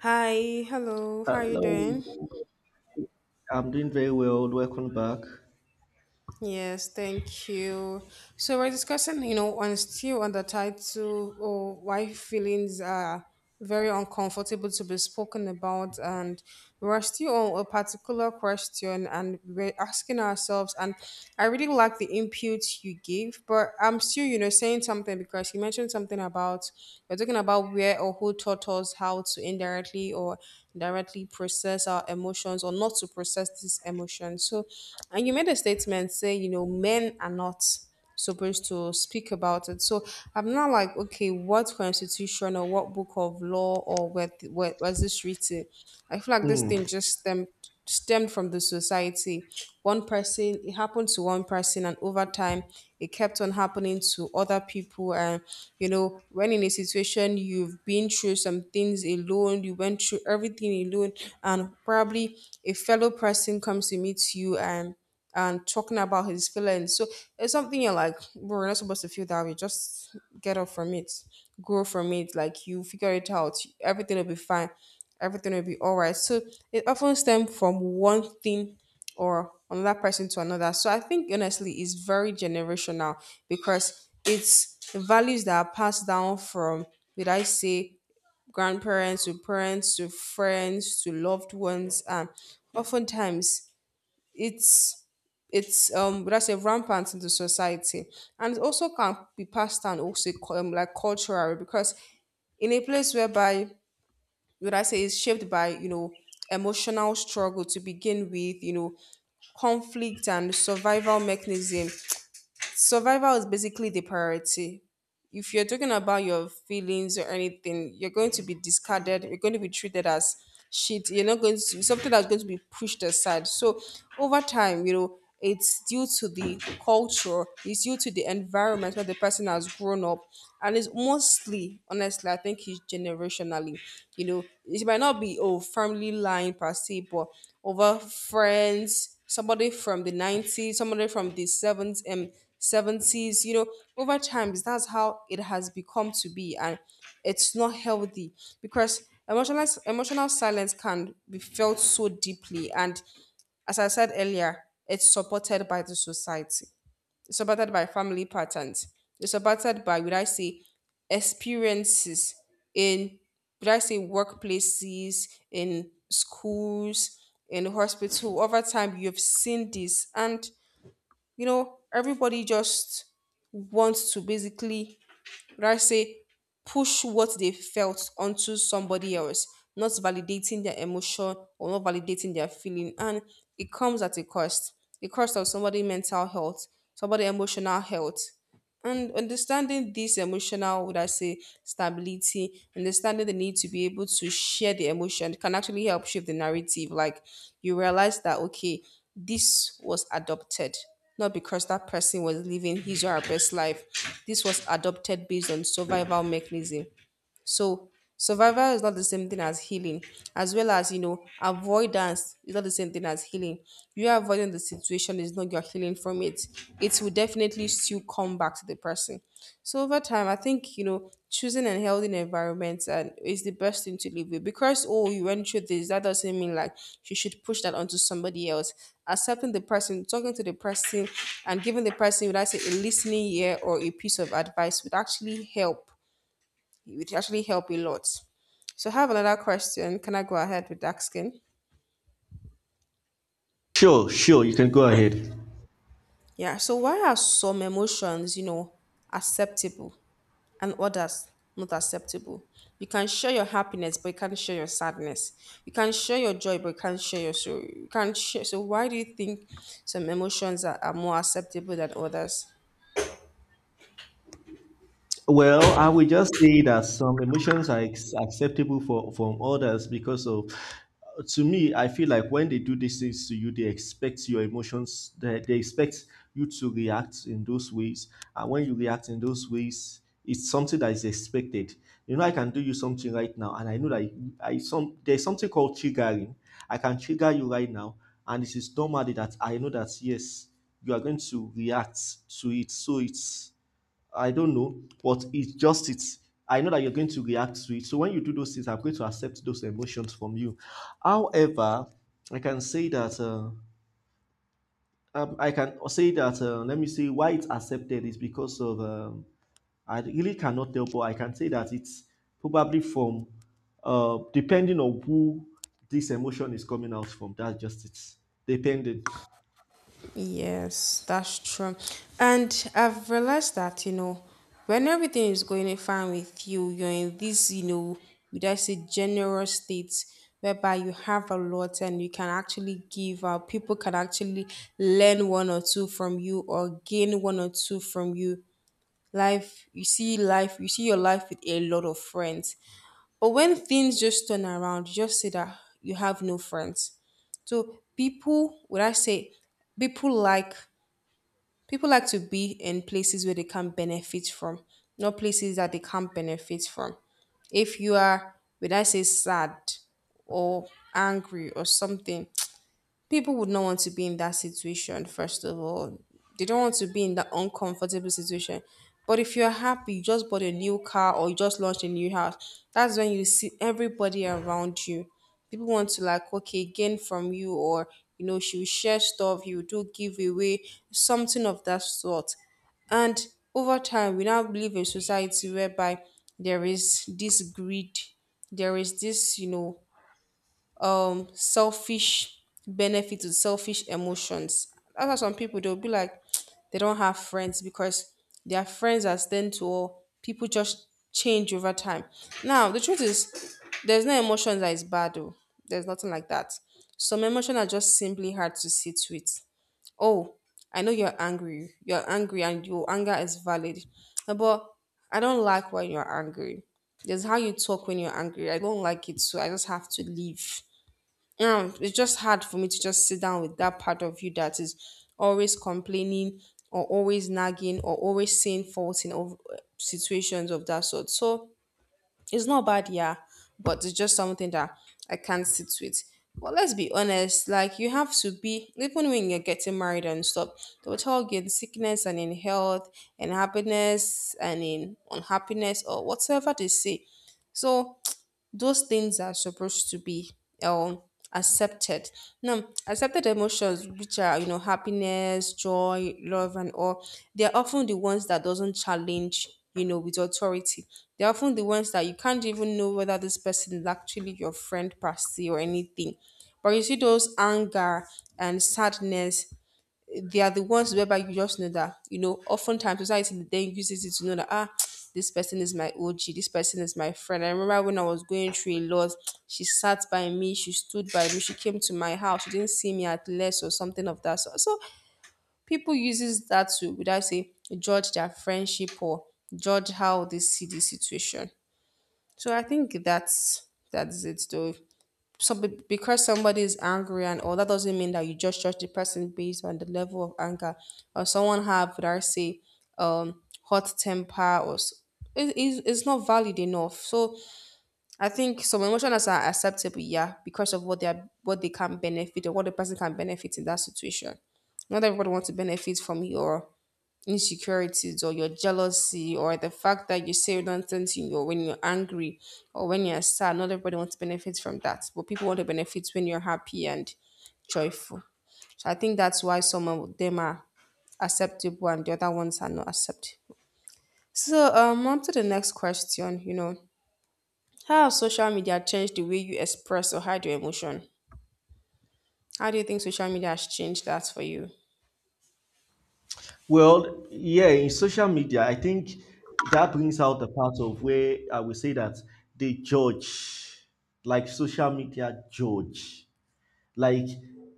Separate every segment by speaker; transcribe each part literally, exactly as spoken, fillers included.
Speaker 1: Hi, hello, how are you
Speaker 2: Hello,
Speaker 1: doing?
Speaker 2: I'm doing very well. Welcome back.
Speaker 1: Yes, thank you. So we're discussing, you know, on still on the title or why feelings are very uncomfortable to be spoken about, and we're still on a particular question and we're asking ourselves, and I really like the input you gave, but I'm still, you know, saying something because you mentioned something about we're talking about where or who taught us how to indirectly or directly process our emotions or not to process these emotions. So, and you made a statement say, you know, men are not supposed to speak about it. So I'm not like, okay, what constitution or what book of law or where, th- where was this written? I feel like this
Speaker 2: Hmm.
Speaker 1: thing just stemmed stemmed from the society. One person, it happened to one person, and over time, it kept on happening to other people. And you know, when in a situation you've been through some things alone, you went through everything alone, and probably a fellow person comes to meet you and and talking about his feelings. So it's something you're like, bro, you're not supposed to feel that way. Just get up from it, grow from it. Like you figure it out. Everything will be fine. Everything will be all right. So it often stems from one thing or another person to another. So I think honestly, it's very generational because it's values that are passed down from, did I say, grandparents to parents to friends to loved ones, and oftentimes it's it's um that's a rampant in the society and it also can be passed down also cu- um, like cultural because in a place whereby would I say is shaped by, you know, emotional struggle to begin with, you know, conflict and survival mechanism, survival is basically the priority. If you're talking about your feelings or anything, you're going to be discarded. You're going to be treated as shit. You're not going to something that's going to be pushed aside. So over time, you know, it's due to the culture. It's due to the environment where the person has grown up, and it's mostly, honestly, I think it's generationally. You know, it might not be oh family line per se, but over friends, somebody from the nineties, somebody from the seventies, and seven seas, you know, over times that's how it has become to be, and it's not healthy because emotional emotional silence can be felt so deeply, and as I said earlier, it's supported by the society, it's supported by family patterns, it's supported by would I say experiences in, would I say, workplaces, in schools, in hospital. Over time you've seen this, and you know, everybody just wants to basically, would I say, push what they felt onto somebody else, not validating their emotion or not validating their feeling. And it comes at a cost. The cost of somebody' mental health, somebody' emotional health. And understanding this emotional, would I say, stability, understanding the need to be able to share the emotion can actually help shift the narrative. Like you realize that, okay, this was adopted, not because that person was living his or her best life. This was adopted based on survival mechanism. So survival is not the same thing as healing, as well as, you know, avoidance is not the same thing as healing. You avoiding the situation is not your healing from it. It will definitely still come back to the person. So over time, I think, you know, choosing a healthy environment and is the best thing to live with. Because oh, you went through this, that doesn't mean like you should push that onto somebody else. Accepting the person, talking to the person, and giving the person, would I say, a listening ear or a piece of advice would actually help, it would actually help a lot. So I have another question. Can I go ahead with asking?
Speaker 2: Sure, sure, you can go ahead.
Speaker 1: Yeah. So why are some emotions, you know, acceptable and others not acceptable? You can share your happiness, but you can't share your sadness. You can share your joy, but you can't share your sorrow. You can't share. So why do you think some emotions are, are more acceptable than others?
Speaker 2: Well, I will just say that some emotions are ex- acceptable for from others because of To me, I feel like when they do these things to you, they expect your emotions, they, they expect you to react in those ways. And when you react in those ways, it's something that is expected. You know, I can do you something right now, and I know that I some there's something called triggering. I can trigger you right now, and it is normally that I know that yes, you are going to react to it. So it's I don't know, but it's just it. I know that you're going to react to it. So when you do those things, I'm going to accept those emotions from you. However, I can say that uh, um, I can say that uh, let me see why it's accepted is because of um, I really cannot tell, but I can say that it's probably from uh, depending on who this emotion is coming out from. That's just it. Depending.
Speaker 1: Yes, that's true. And I've realized that, you know, when everything is going fine with you, you're in this, you know, would I say generous state whereby you have a lot and you can actually give out. People can actually learn one or two from you or gain one or two from you. Life, you see life, you see your life with a lot of friends. But when things just turn around, you just see that you have no friends. So people, would I say, people like People like to be in places where they can benefit from, not places that they can't benefit from. If you are, when I say sad or angry or something, people would not want to be in that situation. First of all, they don't want to be in that uncomfortable situation. But if you're happy, you just bought a new car or you just launched a new house, that's when you see everybody around you. People want to, like, okay, gain from you, or you know, she'll share stuff, you do give away, something of that sort. And over time, we now live in society whereby there is this greed, there is this, you know, um selfish benefit to selfish emotions. That's why some people they'll be like, they don't have friends because their friends are tend to all, people just change over time. Now the truth is there's no emotion that is bad though. There's nothing like that. Some emotion are just simply hard to sit with. Oh, I know you're angry. You're angry and your anger is valid. Uh, But I don't like when you're angry. There's how you talk when you're angry. I don't like it, so I just have to leave. Um it's just hard for me to just sit down with that part of you that is always complaining or always nagging or always saying faults in ov- situations of that sort. So it's not bad, yeah, but it's just something that I can't sit with. But let's be honest, like, you have to be. Even when you're getting married and stuff, they will talk in sickness and in health and happiness and in unhappiness or whatever they say. So those things are supposed to be um accepted. Now accepted emotions, which are, you know, happiness, joy, love and all, they're often the ones that doesn't challenge, you know, with authority. They're often the ones that you can't even know whether this person is actually your friend per se or anything. But you see those anger and sadness, they are the ones whereby you just know that, you know, oftentimes society then uses it to know that, ah, this person is my O G, this person is my friend. I remember when I was going through a lot, she sat by me, she stood by me, she came to my house, she didn't see me at less or something of that sort. So people uses that to, would I say, judge their friendship or judge how they see the situation. So I think that's that's it though. So be- because somebody is angry and all that doesn't mean that you just judge the person based on the level of anger, or someone have, would I say, hot temper or s- it, it's, it's not valid enough. So I think some emotions are acceptable, yeah, because of what they are, what they can benefit, or what the person can benefit in that situation. Not everybody wants to benefit from your insecurities or your jealousy or the fact that you say nonsense in your when you're angry or when you're sad. Not everybody wants to benefit from that, but people want to benefit when you're happy and joyful. So I think that's why some of them are acceptable and the other ones are not acceptable. So um on to the next question, you know. How has social media changed the way you express or hide your emotion? How do you think social media has changed that for you?
Speaker 2: Well, yeah, in social media, I think that brings out the part of where I will say that they judge, like social media judge, like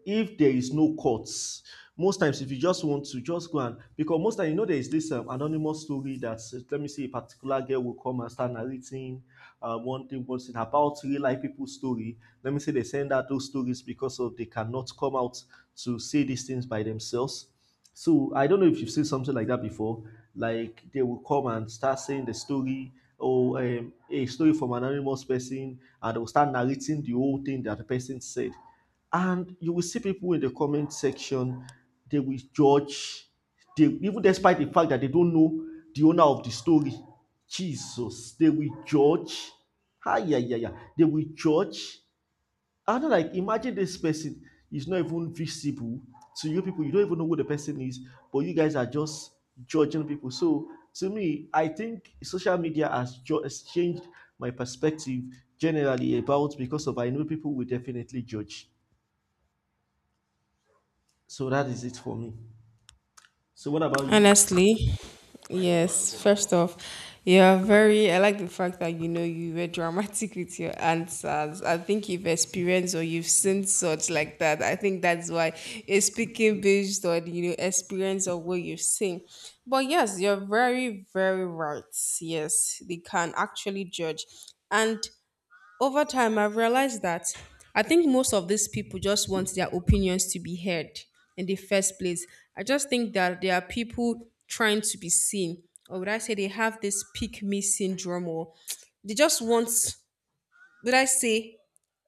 Speaker 2: if there is no courts, most times if you just want to just go and because most time you know there is this um, anonymous story that uh, let me see a particular girl will come and start narrating uh, one thing one thing about real life people's story, let me say they send out those stories because of they cannot come out to say these things by themselves. So I don't know if you've seen something like that before. Like they will come and start saying the story or um, a story from an anonymous person, and they will start narrating the whole thing that the person said. And you will see people in the comment section, they will judge, they, even despite the fact that they don't know the owner of the story. Jesus, they will judge. Ah, yeah, yeah, yeah. They will judge. And I'm like, imagine this person is not even visible to you people. You don't even know who the person is, but you guys are just judging people. So to me, I think social media has, has changed my perspective generally about because of I know people will definitely judge. So that is it for me. So what about you?
Speaker 1: Honestly, yes. First off, you're very. I like the fact that you know you were dramatic with your answers. I think you've experienced or you've seen such like that. I think that's why you're speaking based on, you know, experience or what you've seen. But yes, you're very very right. Yes, they can actually judge, and over time, I've realized that I think most of these people just want their opinions to be heard in the first place. I just think that there are people trying to be seen, or would I say they have this pick me syndrome, or they just want, would I say,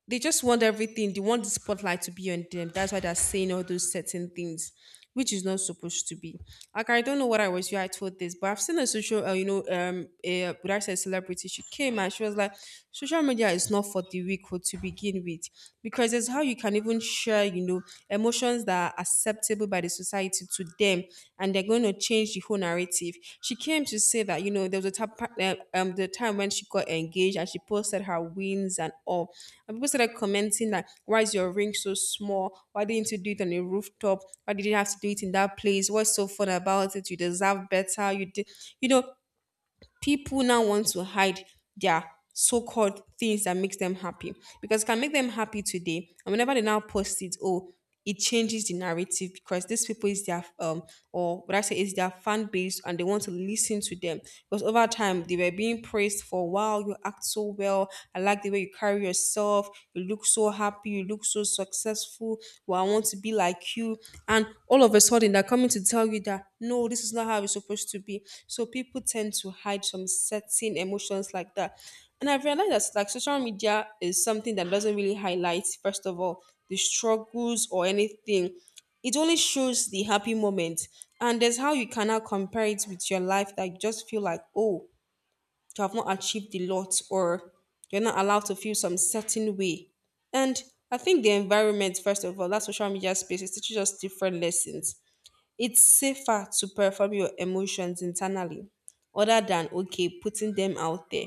Speaker 1: they just want everything. They want the spotlight to be on them. That's why they're saying all those certain things, which is not supposed to be. Like I don't know what I was you I told this, but I've seen a social, uh, you know, um, a, would I say celebrity? She came and she was like, social media is not for the weak or to begin with, because it's how you can even share, you know, emotions that are acceptable acceptable by the society to them, and they're going to change the whole narrative. She came to say that you know there was a time, um, the time when she got engaged and she posted her wings and all, and people started commenting that why is your ring so small, why didn't you do it on a rooftop, why did you have to do it in that place, what's so fun about it, you deserve better, you did, you know, people now want to hide their so-called things that makes them happy because it can make them happy today and whenever they now post it, oh, it changes the narrative because these people is their um or what I say is their fan base and they want to listen to them because over time they were being praised for wow you act so well, I like the way you carry yourself yourself. You look so happy. You look so successful. Well, I want to be like you. And all of a sudden, they're coming to tell you that no, this is not how it's supposed to be. So people tend to hide some certain emotions like that. And I've realized that like social media is something that doesn't really highlight, first of all, the struggles or anything. It only shows the happy moment. And there's how you cannot compare it with your life that you just feel like, oh, to have not achieved a lot or you're not allowed to feel some certain way. And I think the environment, first of all, that social media space is teaching us different lessons. It's safer to perform your emotions internally other than okay, putting them out there.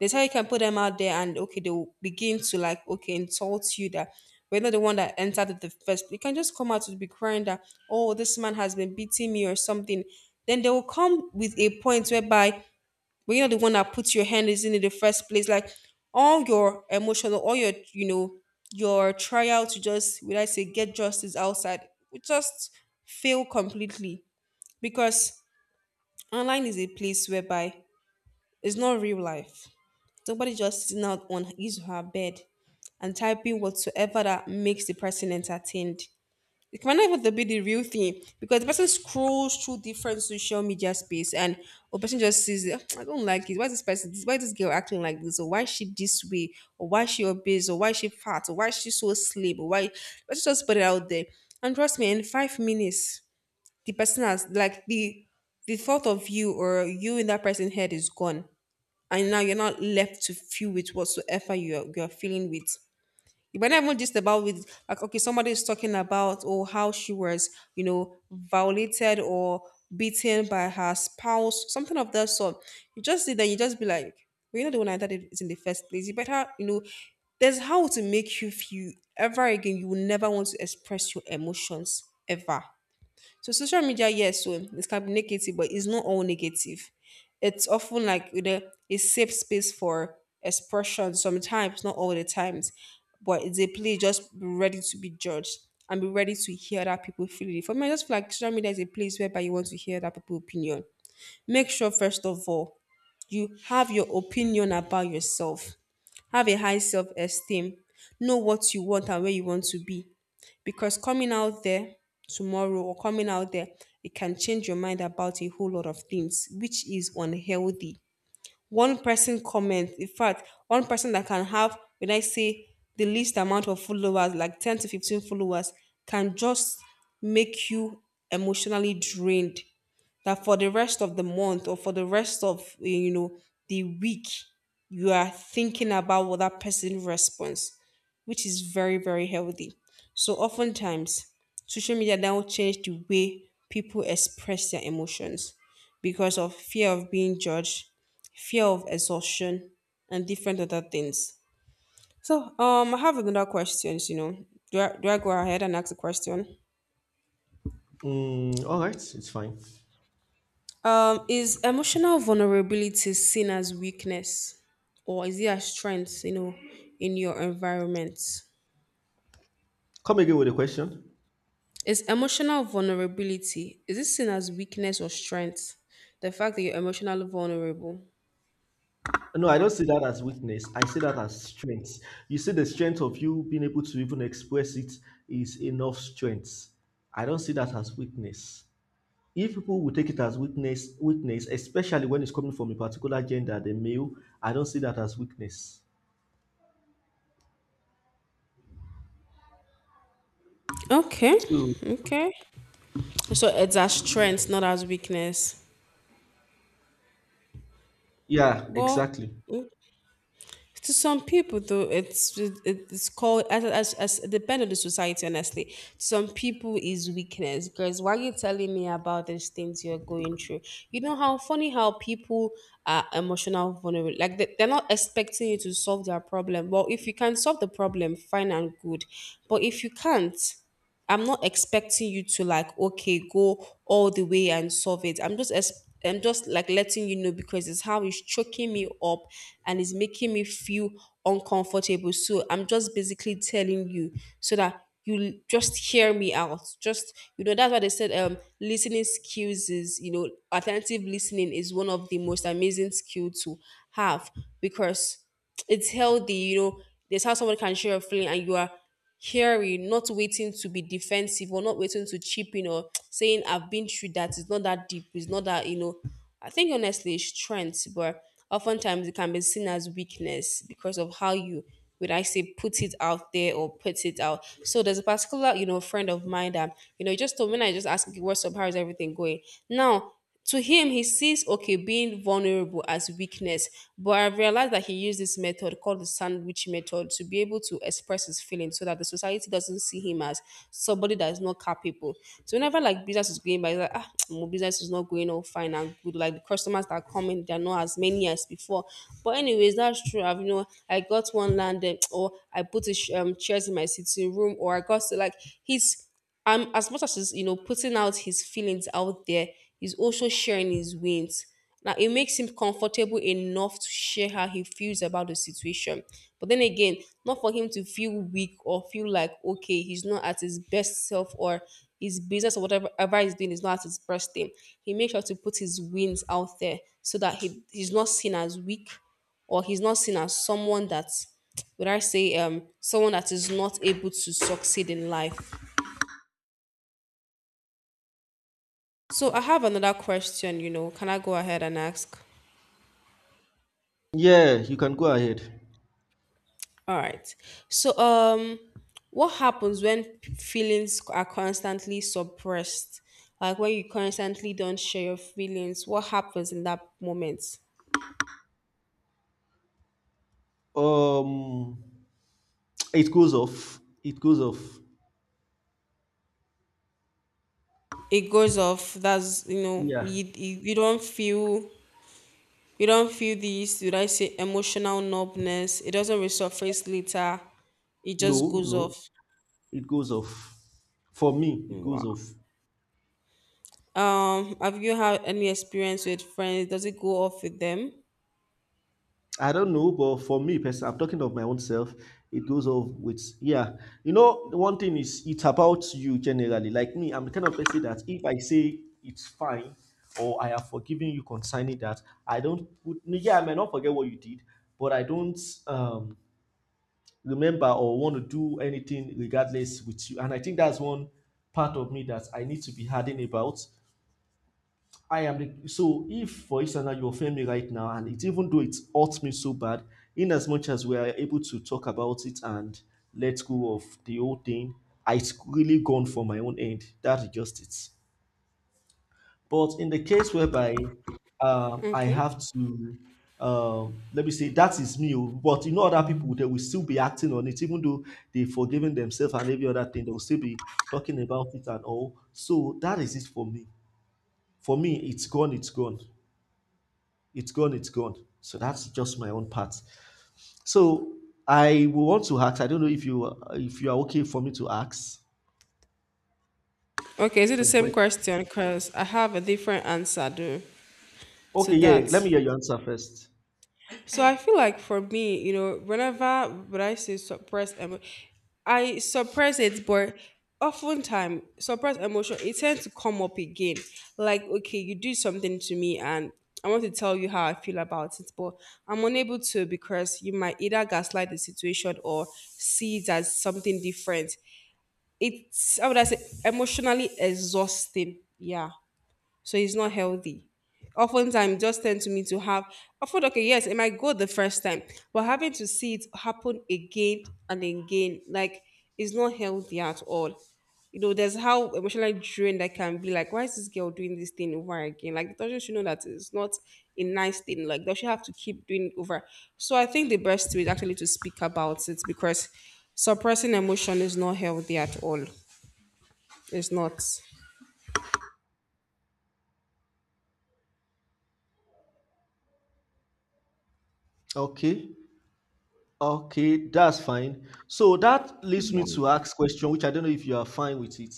Speaker 1: That's how you can put them out there and okay, they'll begin to like okay, insult you that we're not the one that entered it the first. You can just come out to be crying that, oh, this man has been beating me or something. Then they will come with a point whereby but you're not the one that puts your hand is in it the first place. Like all your emotional, all your you know, your trial to just would I say get justice outside would just fail completely because online is a place whereby it's not real life. Somebody just sitting out on his or her bed and typing whatsoever that makes the person entertained, it might not even to be the real thing because the person scrolls through different social media space and a person just sees it. "Ah, I don't like it. Why this person? Why this girl acting like this? Or why is she this way? Or why is she obese? Or why is she fat? Or why is she so slim? Or why? Let's just put it out there. And trust me, in five minutes, the person has like the the thought of you or you in that person's head is gone, and now you're not left to feel with whatsoever you are, you are feeling with. But not even just about with like okay, somebody is talking about oh how she was you know violated or beaten by her spouse, something of that sort. You just see that you just be like, well, you're not the one I thought it is in the first place. You better you know there's how to make you feel ever again. You will never want to express your emotions ever. So social media, yes, so it can be negative, but it's not all negative. It's often like you know, a safe space for expression sometimes, not all the times, but it's a place just be ready to be judged and be ready to hear that people feel it. For me, I just feel like social media is a place whereby you want to hear that people opinion. Make sure first of all you have your opinion about yourself, have a high self esteem, know what you want and where you want to be. Because coming out there tomorrow or coming out there, it can change your mind about a whole lot of things, which is unhealthy. One person comment, in fact one person that can have when I say the least amount of followers like ten to fifteen followers can just make you emotionally drained that for the rest of the month or for the rest of eh, you know, the week you are thinking about what that person response, which is very very healthy. So oftentimes social media now change the way people express their emotions because of fear of being judged, fear of exhaustion, and different other things. So, um, I have another questions. You know, do I, do I go ahead and ask the question?
Speaker 2: Mm, all right, it's fine.
Speaker 1: Um, is emotional vulnerability seen as weakness, or is it a strength? You know, in your environment,
Speaker 2: Come again with a question.
Speaker 1: is emotional vulnerability is it seen as weakness or strength? The fact that you're emotionally vulnerable.
Speaker 2: No, I don't see that as weakness. I see that as strength. You see, the strength of you being able to even express it is enough strength. I don't see that as weakness. If people will take it as weakness, weakness, especially when it's coming from a particular gender, the male, I don't see that as weakness.
Speaker 1: Okay,
Speaker 2: So
Speaker 1: okay. So it's a strength, not as weakness.
Speaker 2: yeah,
Speaker 1: But
Speaker 2: exactly.
Speaker 1: to some people, though, it's it- it's called as as, as, it depend on the society. Honestly, to some people is weakness. Because why you telling me about these things you're going through? You know how funny how people are emotional vulnerable. Like they, they're not expecting you to solve their problem. Well, if you can solve the problem, fine and good. But if you can't, I'm not expecting you to like okay go all the way and solve it. I'm just ex- I'm just like letting you know because it's how it's choking me up and it's making me feel uncomfortable. So I'm just basically telling you so that you l- just hear me out. Just you know that's why they said um listening skills is you know attentive listening is one of the most amazing skill to have because it's healthy. You know there's how someone can share a feeling and you are hearing, not waiting to be defensive or not waiting to chip in or saying, I've been through that. It's not that deep. It's not that, you know. I think honestly it's strength, but oftentimes it can be seen as weakness because of how you, would I say, put it out there or put it out. So there's a particular, you know, friend of mine that, you know, just told when I just asked, what's up, how's everything going? Now, to him, he sees okay being vulnerable as weakness, but I realized that he used this method called the sandwich method to be able to express his feelings so that the society doesn't see him as somebody that is not capable. So whenever like business is going by, he's like ah, my business is not going all fine and good. Like the customers that are coming, they're not as many as before. But anyways, that's true. I've you know I got one landed, or I put a sh- um, chairs in my sitting room, or I got so like he's, um, as much as he's you know putting out his feelings out there, he's also sharing his wins. Now it makes him comfortable enough to share how he feels about the situation. But then again, not for him to feel weak or feel like okay, he's not at his best self or his business or whatever ever he's doing is not at his best thing. He makes sure to put his wins out there so that he, he's not seen as weak or he's not seen as someone that would I say um someone that is not able to succeed in life. So I have another question, you know. Can I go ahead and ask?
Speaker 2: Yeah, you can go ahead.
Speaker 1: All right. So um what happens when p- feelings are constantly suppressed? Like when you constantly don't share your feelings, what happens in that moment?
Speaker 2: Um, it goes off. It goes off.
Speaker 1: It goes off. That's you know,
Speaker 2: Yeah.
Speaker 1: you you, you don't feel you don't feel this, did I say emotional numbness? It doesn't resurface later. It just
Speaker 2: No,
Speaker 1: goes
Speaker 2: no.
Speaker 1: off.
Speaker 2: It goes off. For me, it goes
Speaker 1: Wow.
Speaker 2: off.
Speaker 1: Um, have you had any experience with friends? Does it go off with them?
Speaker 2: I don't know, but for me person, I'm talking of my own self. It goes off with yeah. You know, one thing is it's about you generally. Like me, I'm the kind of person that if I say it's fine or I have forgiven you concerning that, I don't put no, yeah, I may not forget what you did, but I don't um remember or want to do anything regardless with you. And I think that's one part of me that I need to be hardened about. I am the so if for instance you offend me right now and it even though it hurts me so bad, in as much as we are able to talk about it and let go of the whole thing, it's really gone for my own end. That's just it. But in the case whereby um, I
Speaker 1: Okay.
Speaker 2: have to um, let me say that is me, oh, but you know other people they will still be acting on it, even though they've forgiven themselves and every other thing, they will still be talking about it and all. So that is it for me. For me, it's gone, it's gone. It's gone, it's gone. So that's just my own part. So I will want to ask. I don't know if you if you are okay for me to ask
Speaker 1: Okay. Is it the
Speaker 2: some
Speaker 1: same
Speaker 2: questions.
Speaker 1: question? Because I have a different answer though to
Speaker 2: Okay, yeah. Let
Speaker 1: that.
Speaker 2: me hear your answer first.
Speaker 1: So I feel like for me, you know, whenever when I say suppress emo- I suppress it, but oftentimes suppress emotion, it tends to come up again. Like, okay, you do something to me and I want to tell you how I feel about it, but I'm unable to because you might either gaslight the situation or see it as something different. It's, how would I say, emotionally exhausting. Yeah, so it's not healthy. Oftentimes, just tend to me to have I thought, okay, yes, it might go the first time, but having to see it happen again and again, like it's not healthy at all. You know, there's how emotionally drained I can be. Like, why is this girl doing this thing over again? Like, doesn't she know that it's not a nice thing? Like, does she have to keep doing it over? So I think the best way is actually to speak about it because suppressing emotion is not healthy at all. It's not.
Speaker 2: Okay, okay, that's fine. So that leads
Speaker 1: Yeah.
Speaker 2: me to ask question, which I don't know if you are fine with it.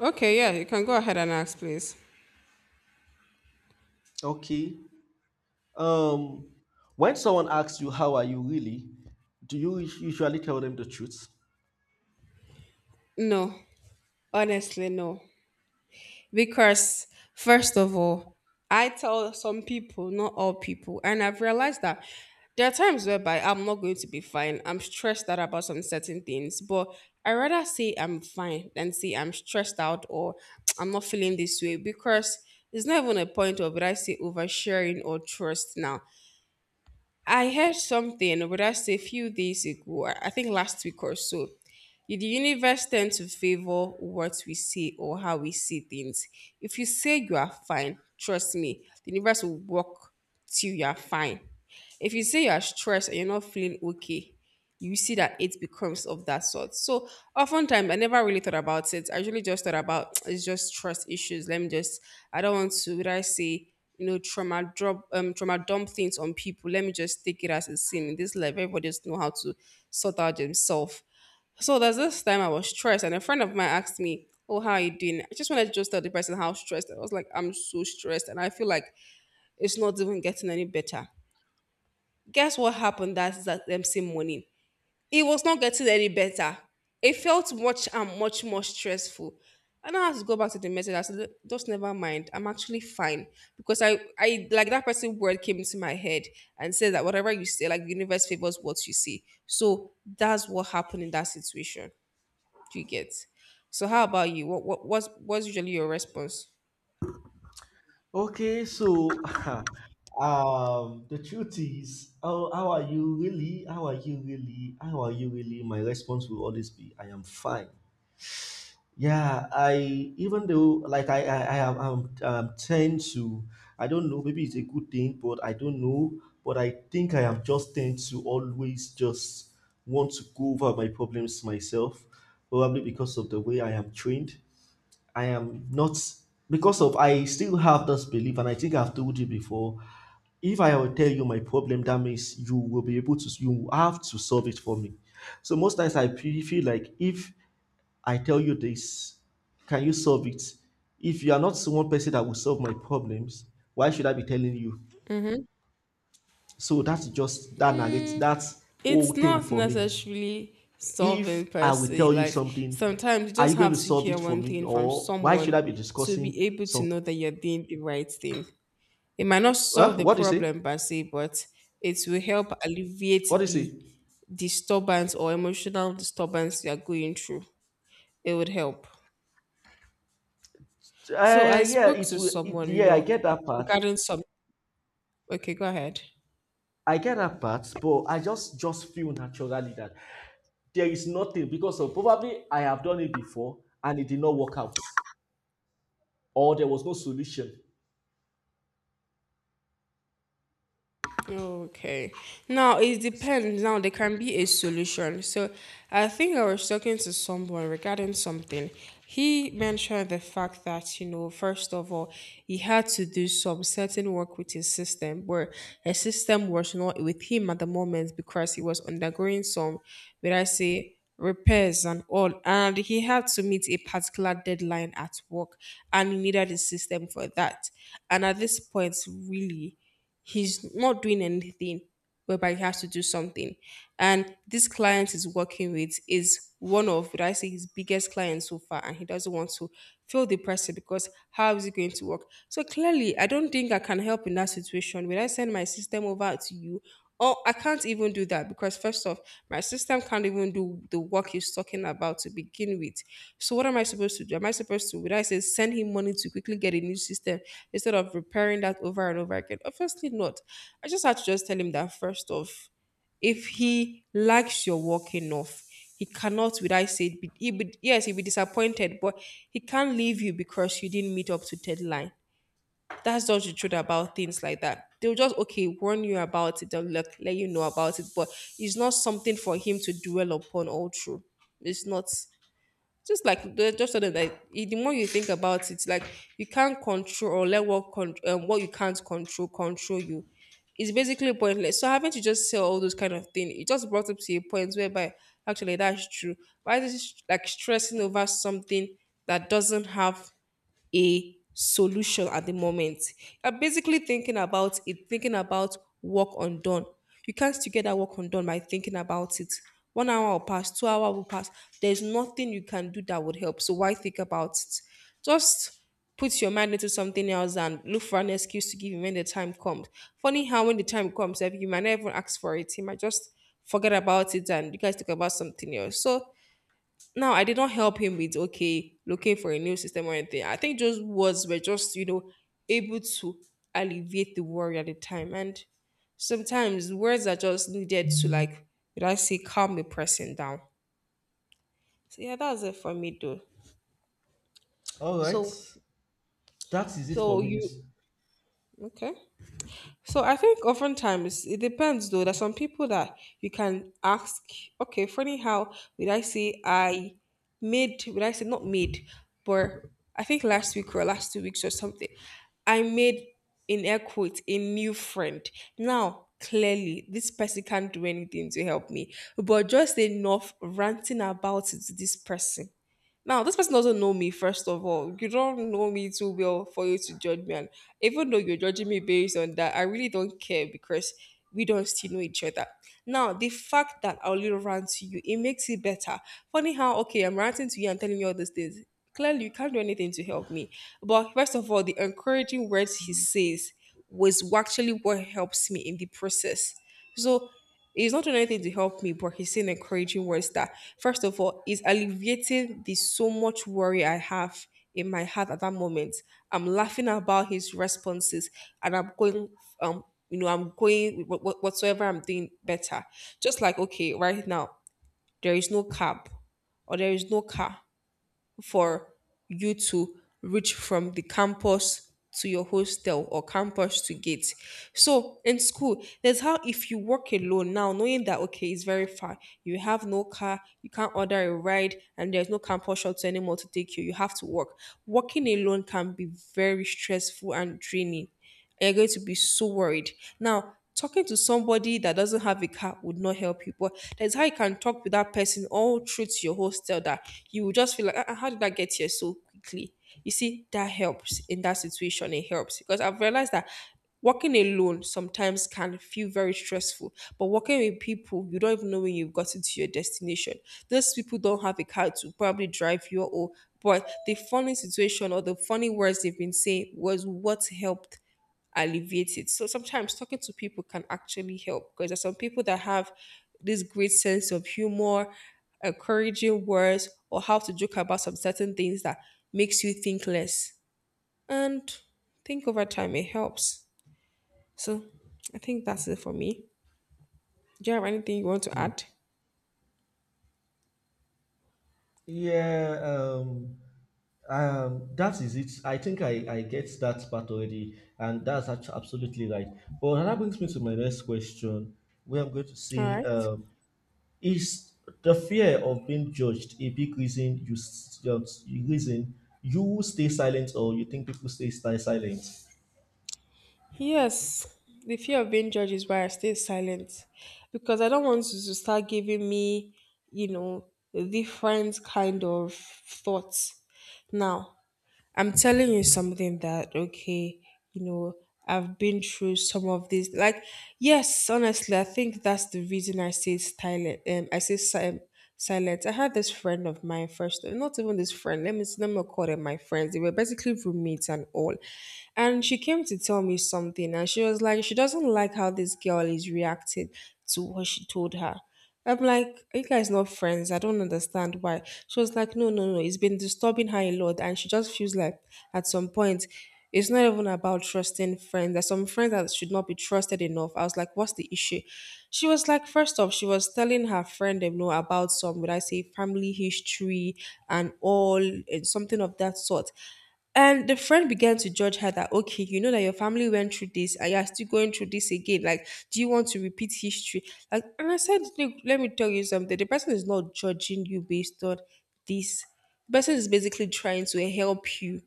Speaker 1: Okay, yeah, you can go ahead and ask, please.
Speaker 2: Okay. Um, when someone asks you how are you really, do you us- usually tell them the truth?
Speaker 1: No, honestly, no. Because, first of all, I tell some people, not all people, and I've realized that there are times whereby I'm not going to be fine. I'm stressed out about some certain things, but I rather say I'm fine than say I'm stressed out or I'm not feeling this way because it's not even a point of would I say oversharing or trust now. I heard something, would I say a few days ago, I I think last week or so. The universe tends to favor what we see or how we see things. If you say you are fine, trust me, the universe will work till you are fine. If you say you are stressed and you're not feeling okay, you see that it becomes of that sort. So oftentimes I never really thought about it. I usually just thought about it's just trust issues. Let me just I don't want to would I say you know trauma drop um trauma dump things on people. Let me just take it as a sin. In this life, everybody just know how to sort out themselves. So there's this time I was stressed, and a friend of mine asked me, "Oh, how are you doing?" I just wanted to just tell the person how stressed I was. Like, I'm so stressed, and I feel like it's not even getting any better. Guess what happened that that them same morning? It was not getting any better. It felt much and much more stressful. And I had to go back to the message. I said, just never mind. I'm actually fine. Because I, I like that person word came into my head and said that whatever you say, like the universe favors what you say. So that's what happened in that situation. Do you get? So how about you? What what what's, what's usually your response?
Speaker 2: Okay, so um, the truth is, how, how are you really? How are you really? How are you really? My response will always be, I am fine. Yeah, I even though like I I, I am I'm, I'm tend to I don't know maybe it's a good thing but I don't know but I think I am just tend to always just want to go over my problems myself probably because of the way I am trained. I am not because of I still have this belief, and I think I've told you before. If I will tell you my problem, that means you will be able to you have to solve it for me. So most times I fe- feel like if I tell you this, can you solve it? If you are not one person that will solve my problems, why should I be telling you?
Speaker 1: Mm-hmm.
Speaker 2: So that's just that narrates
Speaker 1: Mm,
Speaker 2: that
Speaker 1: it's
Speaker 2: whole thing
Speaker 1: not
Speaker 2: for me.
Speaker 1: necessarily
Speaker 2: If
Speaker 1: solving per
Speaker 2: I will
Speaker 1: se.
Speaker 2: tell you
Speaker 1: Like
Speaker 2: something,
Speaker 1: sometimes you
Speaker 2: are you
Speaker 1: just
Speaker 2: going
Speaker 1: have
Speaker 2: to
Speaker 1: to
Speaker 2: solve
Speaker 1: hear
Speaker 2: it for
Speaker 1: one
Speaker 2: me,
Speaker 1: thing from
Speaker 2: or why should
Speaker 1: someone
Speaker 2: I be
Speaker 1: to
Speaker 2: discussing
Speaker 1: be able to
Speaker 2: some.
Speaker 1: know that you're doing the right thing. It might not solve
Speaker 2: Huh?
Speaker 1: the
Speaker 2: What do you say?
Speaker 1: problem per se, but it will help
Speaker 2: What do
Speaker 1: alleviate
Speaker 2: you say?
Speaker 1: the disturbance or emotional disturbance you're going through. It would help. So I
Speaker 2: Uh, yeah,
Speaker 1: spoke
Speaker 2: it
Speaker 1: to
Speaker 2: will. It,
Speaker 1: someone, you
Speaker 2: yeah, I
Speaker 1: know,
Speaker 2: get that part.
Speaker 1: regarding some. Okay, go ahead.
Speaker 2: I get that part, but I just just feel naturally that there is nothing because of probably I have done it before and it did not work out, or there was no solution.
Speaker 1: Okay. Now it depends. Now there can be a solution. So I think I was talking to someone regarding something. He mentioned the fact that, you know, first of all, he had to do some certain work with his system where his system was not with him at the moment because he was undergoing some, would I say, repairs and all. And he had to meet a particular deadline at work and he needed his system for that. And at this point, really, he's not doing anything whereby he has to do something, and this client he's working with is one of would I say his biggest clients so far, and he doesn't want to feel the pressure because how is it going to work? So clearly I don't think I can help in that situation. Will I send my system over to you? Oh, I can't even do that because first off, my system can't even do the work he's talking about to begin with. So what am I supposed to do? Am I supposed to, would I say, send him money to quickly get a new system instead of repairing that over and over again? Obviously not. I just had to just tell him that first off, if he likes your work enough, he cannot, would I say, be, he be, yes, he'll be disappointed, but he can't leave you because you didn't meet up to deadline. That's just the truth about things like that. They'll just okay warn you about it. They'll let, let you know about it, but it's not something for him to dwell upon all through. It's not just like the- just so that like, I- the more you think about it, like you can't control or let what con- um, what you can't control control you. It's basically pointless. So having to just say all those kind of things, it just brought up to a point whereby actually that's true. Why is it like stressing over something that doesn't have a solution at the moment? You're basically thinking about it, thinking about work undone. You can't still get that work undone by thinking about it. One hour will pass, two hour will pass. There's nothing you can do that would help. So why think about it? Just put your mind into something else and look for an excuse to give him when the time comes. Funny how when the time comes, if you might not even ask for it, he might just forget about it and you guys talk about something else. So now I did not help him with okay looking for a new system or anything. I think just words were just you know able to alleviate the worry at the time, and sometimes words are just needed to like did I say calm a person down. So yeah, that's it for me though.
Speaker 2: All right.
Speaker 1: So
Speaker 2: That is it for
Speaker 1: so
Speaker 2: me.
Speaker 1: you okay? So I think oftentimes it depends though. There's some people that you can ask, okay, funny how would I say I made, would I say not made, but I think last week or last two weeks or something, I made in air quotes a new friend. Now, clearly, this person can't do anything to help me, but just enough ranting about it to this person. Now, this person doesn't know me, first of all. You don't know me too well for you to judge me. And even though you're judging me based on that, I really don't care because we don't still know each other. Now, the fact that I'll little rant to you, it makes it better. Funny how, okay, I'm ranting to you and telling you all these things. Clearly, you can't do anything to help me. But first of all, the encouraging words he says was actually what helps me in the process. So he's not doing anything to help me, but he's saying encouraging words that first of all, it's alleviating the so much worry I have in my heart at that moment. I'm laughing about his responses and I'm going, um, you know, I'm going with what- what- whatsoever I'm doing better. Just like, okay, right now, there is no cab or there is no car for you to reach from the campus to your hostel or campus to gate. So in school, there's how if you work alone now, knowing that okay, it's very far, you have no car, you can't order a ride, and there's no campus shuttle anymore to take you. You have to work. Working alone can be very stressful and draining, and you're going to be so worried. Now, talking to somebody that doesn't have a car would not help you, but that's how you can talk with that person all through to your hostel that you will just feel like, "Ah, ah, how did I get here so quickly?" You see, that helps in that situation. It helps because I've realized that walking alone sometimes can feel very stressful, but walking with people, you don't even know when you've gotten to your destination. Those people don't have a car to probably drive you, or but the funny situation or the funny words they've been saying was what helped alleviate it. So sometimes talking to people can actually help because there's some people that have this great sense of humor, encouraging words, or how to joke about some certain things that makes you think less. And think over time, it helps. So I think that's it for me. Do you have anything you want to
Speaker 2: Hmm.
Speaker 1: add?
Speaker 2: Yeah, um, um, that is it. I think I, I get that part already, and that's actually absolutely right. But that brings me to my next question, where I'm going to
Speaker 1: All
Speaker 2: see.
Speaker 1: right.
Speaker 2: Um, is the fear of being judged a big reason you s- just reason you stay silent or you think people stay stay silent?
Speaker 1: Yes, the fear of being judged is why I stay silent because I don't want you to start giving me, you know, different kind of thoughts. Now, I'm telling you something that, okay, you know, I've been through some of these. Like, yes, honestly, I think that's the reason I say silent. Um, I say si- um, silent. I had this friend of mine first, not even this friend. Let me let me not call them my friends. They were basically roommates and all. And she came to tell me something, and she was like, she doesn't like how this girl is reacting to what she told her. I'm like, are you guys not friends? I don't understand why. She was like, no, no, no. It's been disturbing her a lot. And she just feels like at some point, it's not even about trusting friends. There's some friends that should not be trusted enough. I was like, what's the issue? She was like, first off, she was telling her friend, you know, about some, would I say, family history and all, and something of that sort. And the friend began to judge her that, okay, you know that your family went through this and you're still going through this again. Like, do you want to repeat history? Like, and I said, look, let me tell you something. The person is not judging you based on this. The person is basically trying to help you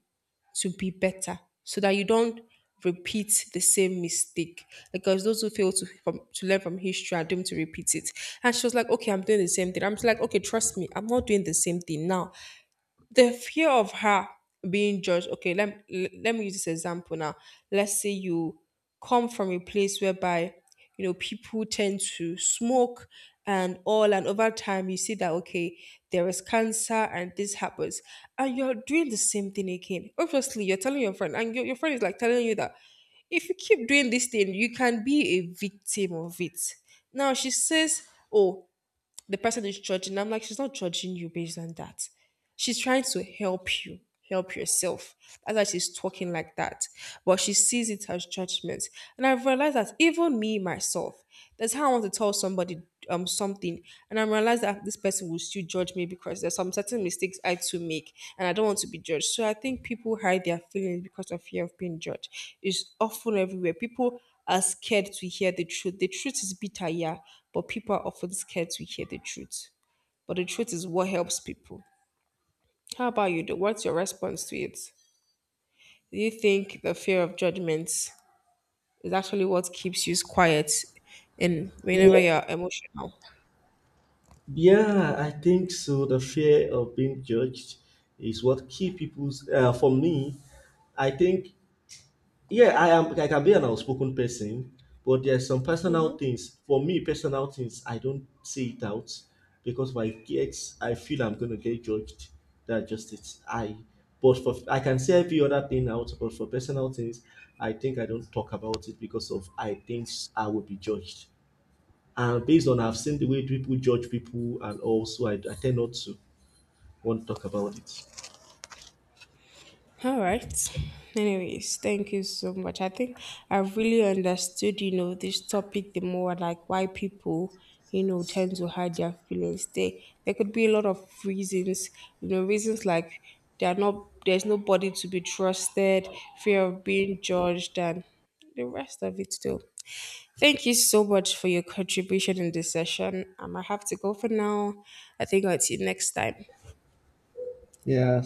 Speaker 1: to be better so that you don't repeat the same mistake because those who fail to from, to learn from history are doomed to repeat it. And she was like, okay, I'm doing the same thing. I'm just like, okay, trust me, I'm not doing the same thing. Now the fear of her being judged, okay, let, let me use this example now. Let's say you come from a place whereby you know people tend to smoke and all, and over time you see that, okay, there is cancer and this happens, and you're doing the same thing again. Obviously you're telling your friend, and your, your friend is like telling you that if you keep doing this thing you can be a victim of it. Now she says, oh, the person is judging. I'm like, she's not judging you based on that. She's trying to help you help yourself. That's why she's talking like that, but she sees it as judgment. And I've realized that even me myself, that's how I want to tell somebody um something, and I realize that this person will still judge me because there's some certain mistakes I too make and I don't want to be judged. So I think people hide their feelings because of fear of being judged. It's often everywhere. People are scared to hear the truth. The truth is bitter, yeah, but people are often scared to hear the truth, but the truth is what helps people. How about you? do- What's your response to it? Do you think the fear of judgment is actually what keeps you quiet in whenever
Speaker 2: Yeah,
Speaker 1: you're emotional?
Speaker 2: yeah, I think so. The fear of being judged is what keep people's. Uh, for me, I think yeah, I am, I can be an outspoken person, but there's some personal things for me, personal things I don't say it out because if I get I feel I'm going to get judged. That's just it. I but for I can say every other thing out but for personal things I think I don't talk about it because of I think I will be judged and based on I've seen the way people judge people, and also i, I tend not to want to talk about it.
Speaker 1: All right. Anyways, thank you so much. I think I really understood, you know, this topic the more, like why people, you know, tend to hide their feelings. They There could be a lot of reasons, you know, reasons like they are not there's nobody to be trusted, fear of being judged and the rest of it too. Thank you so much for your contribution in this session. Um, I have to go for now. I think I'll see you next time.
Speaker 2: Yeah.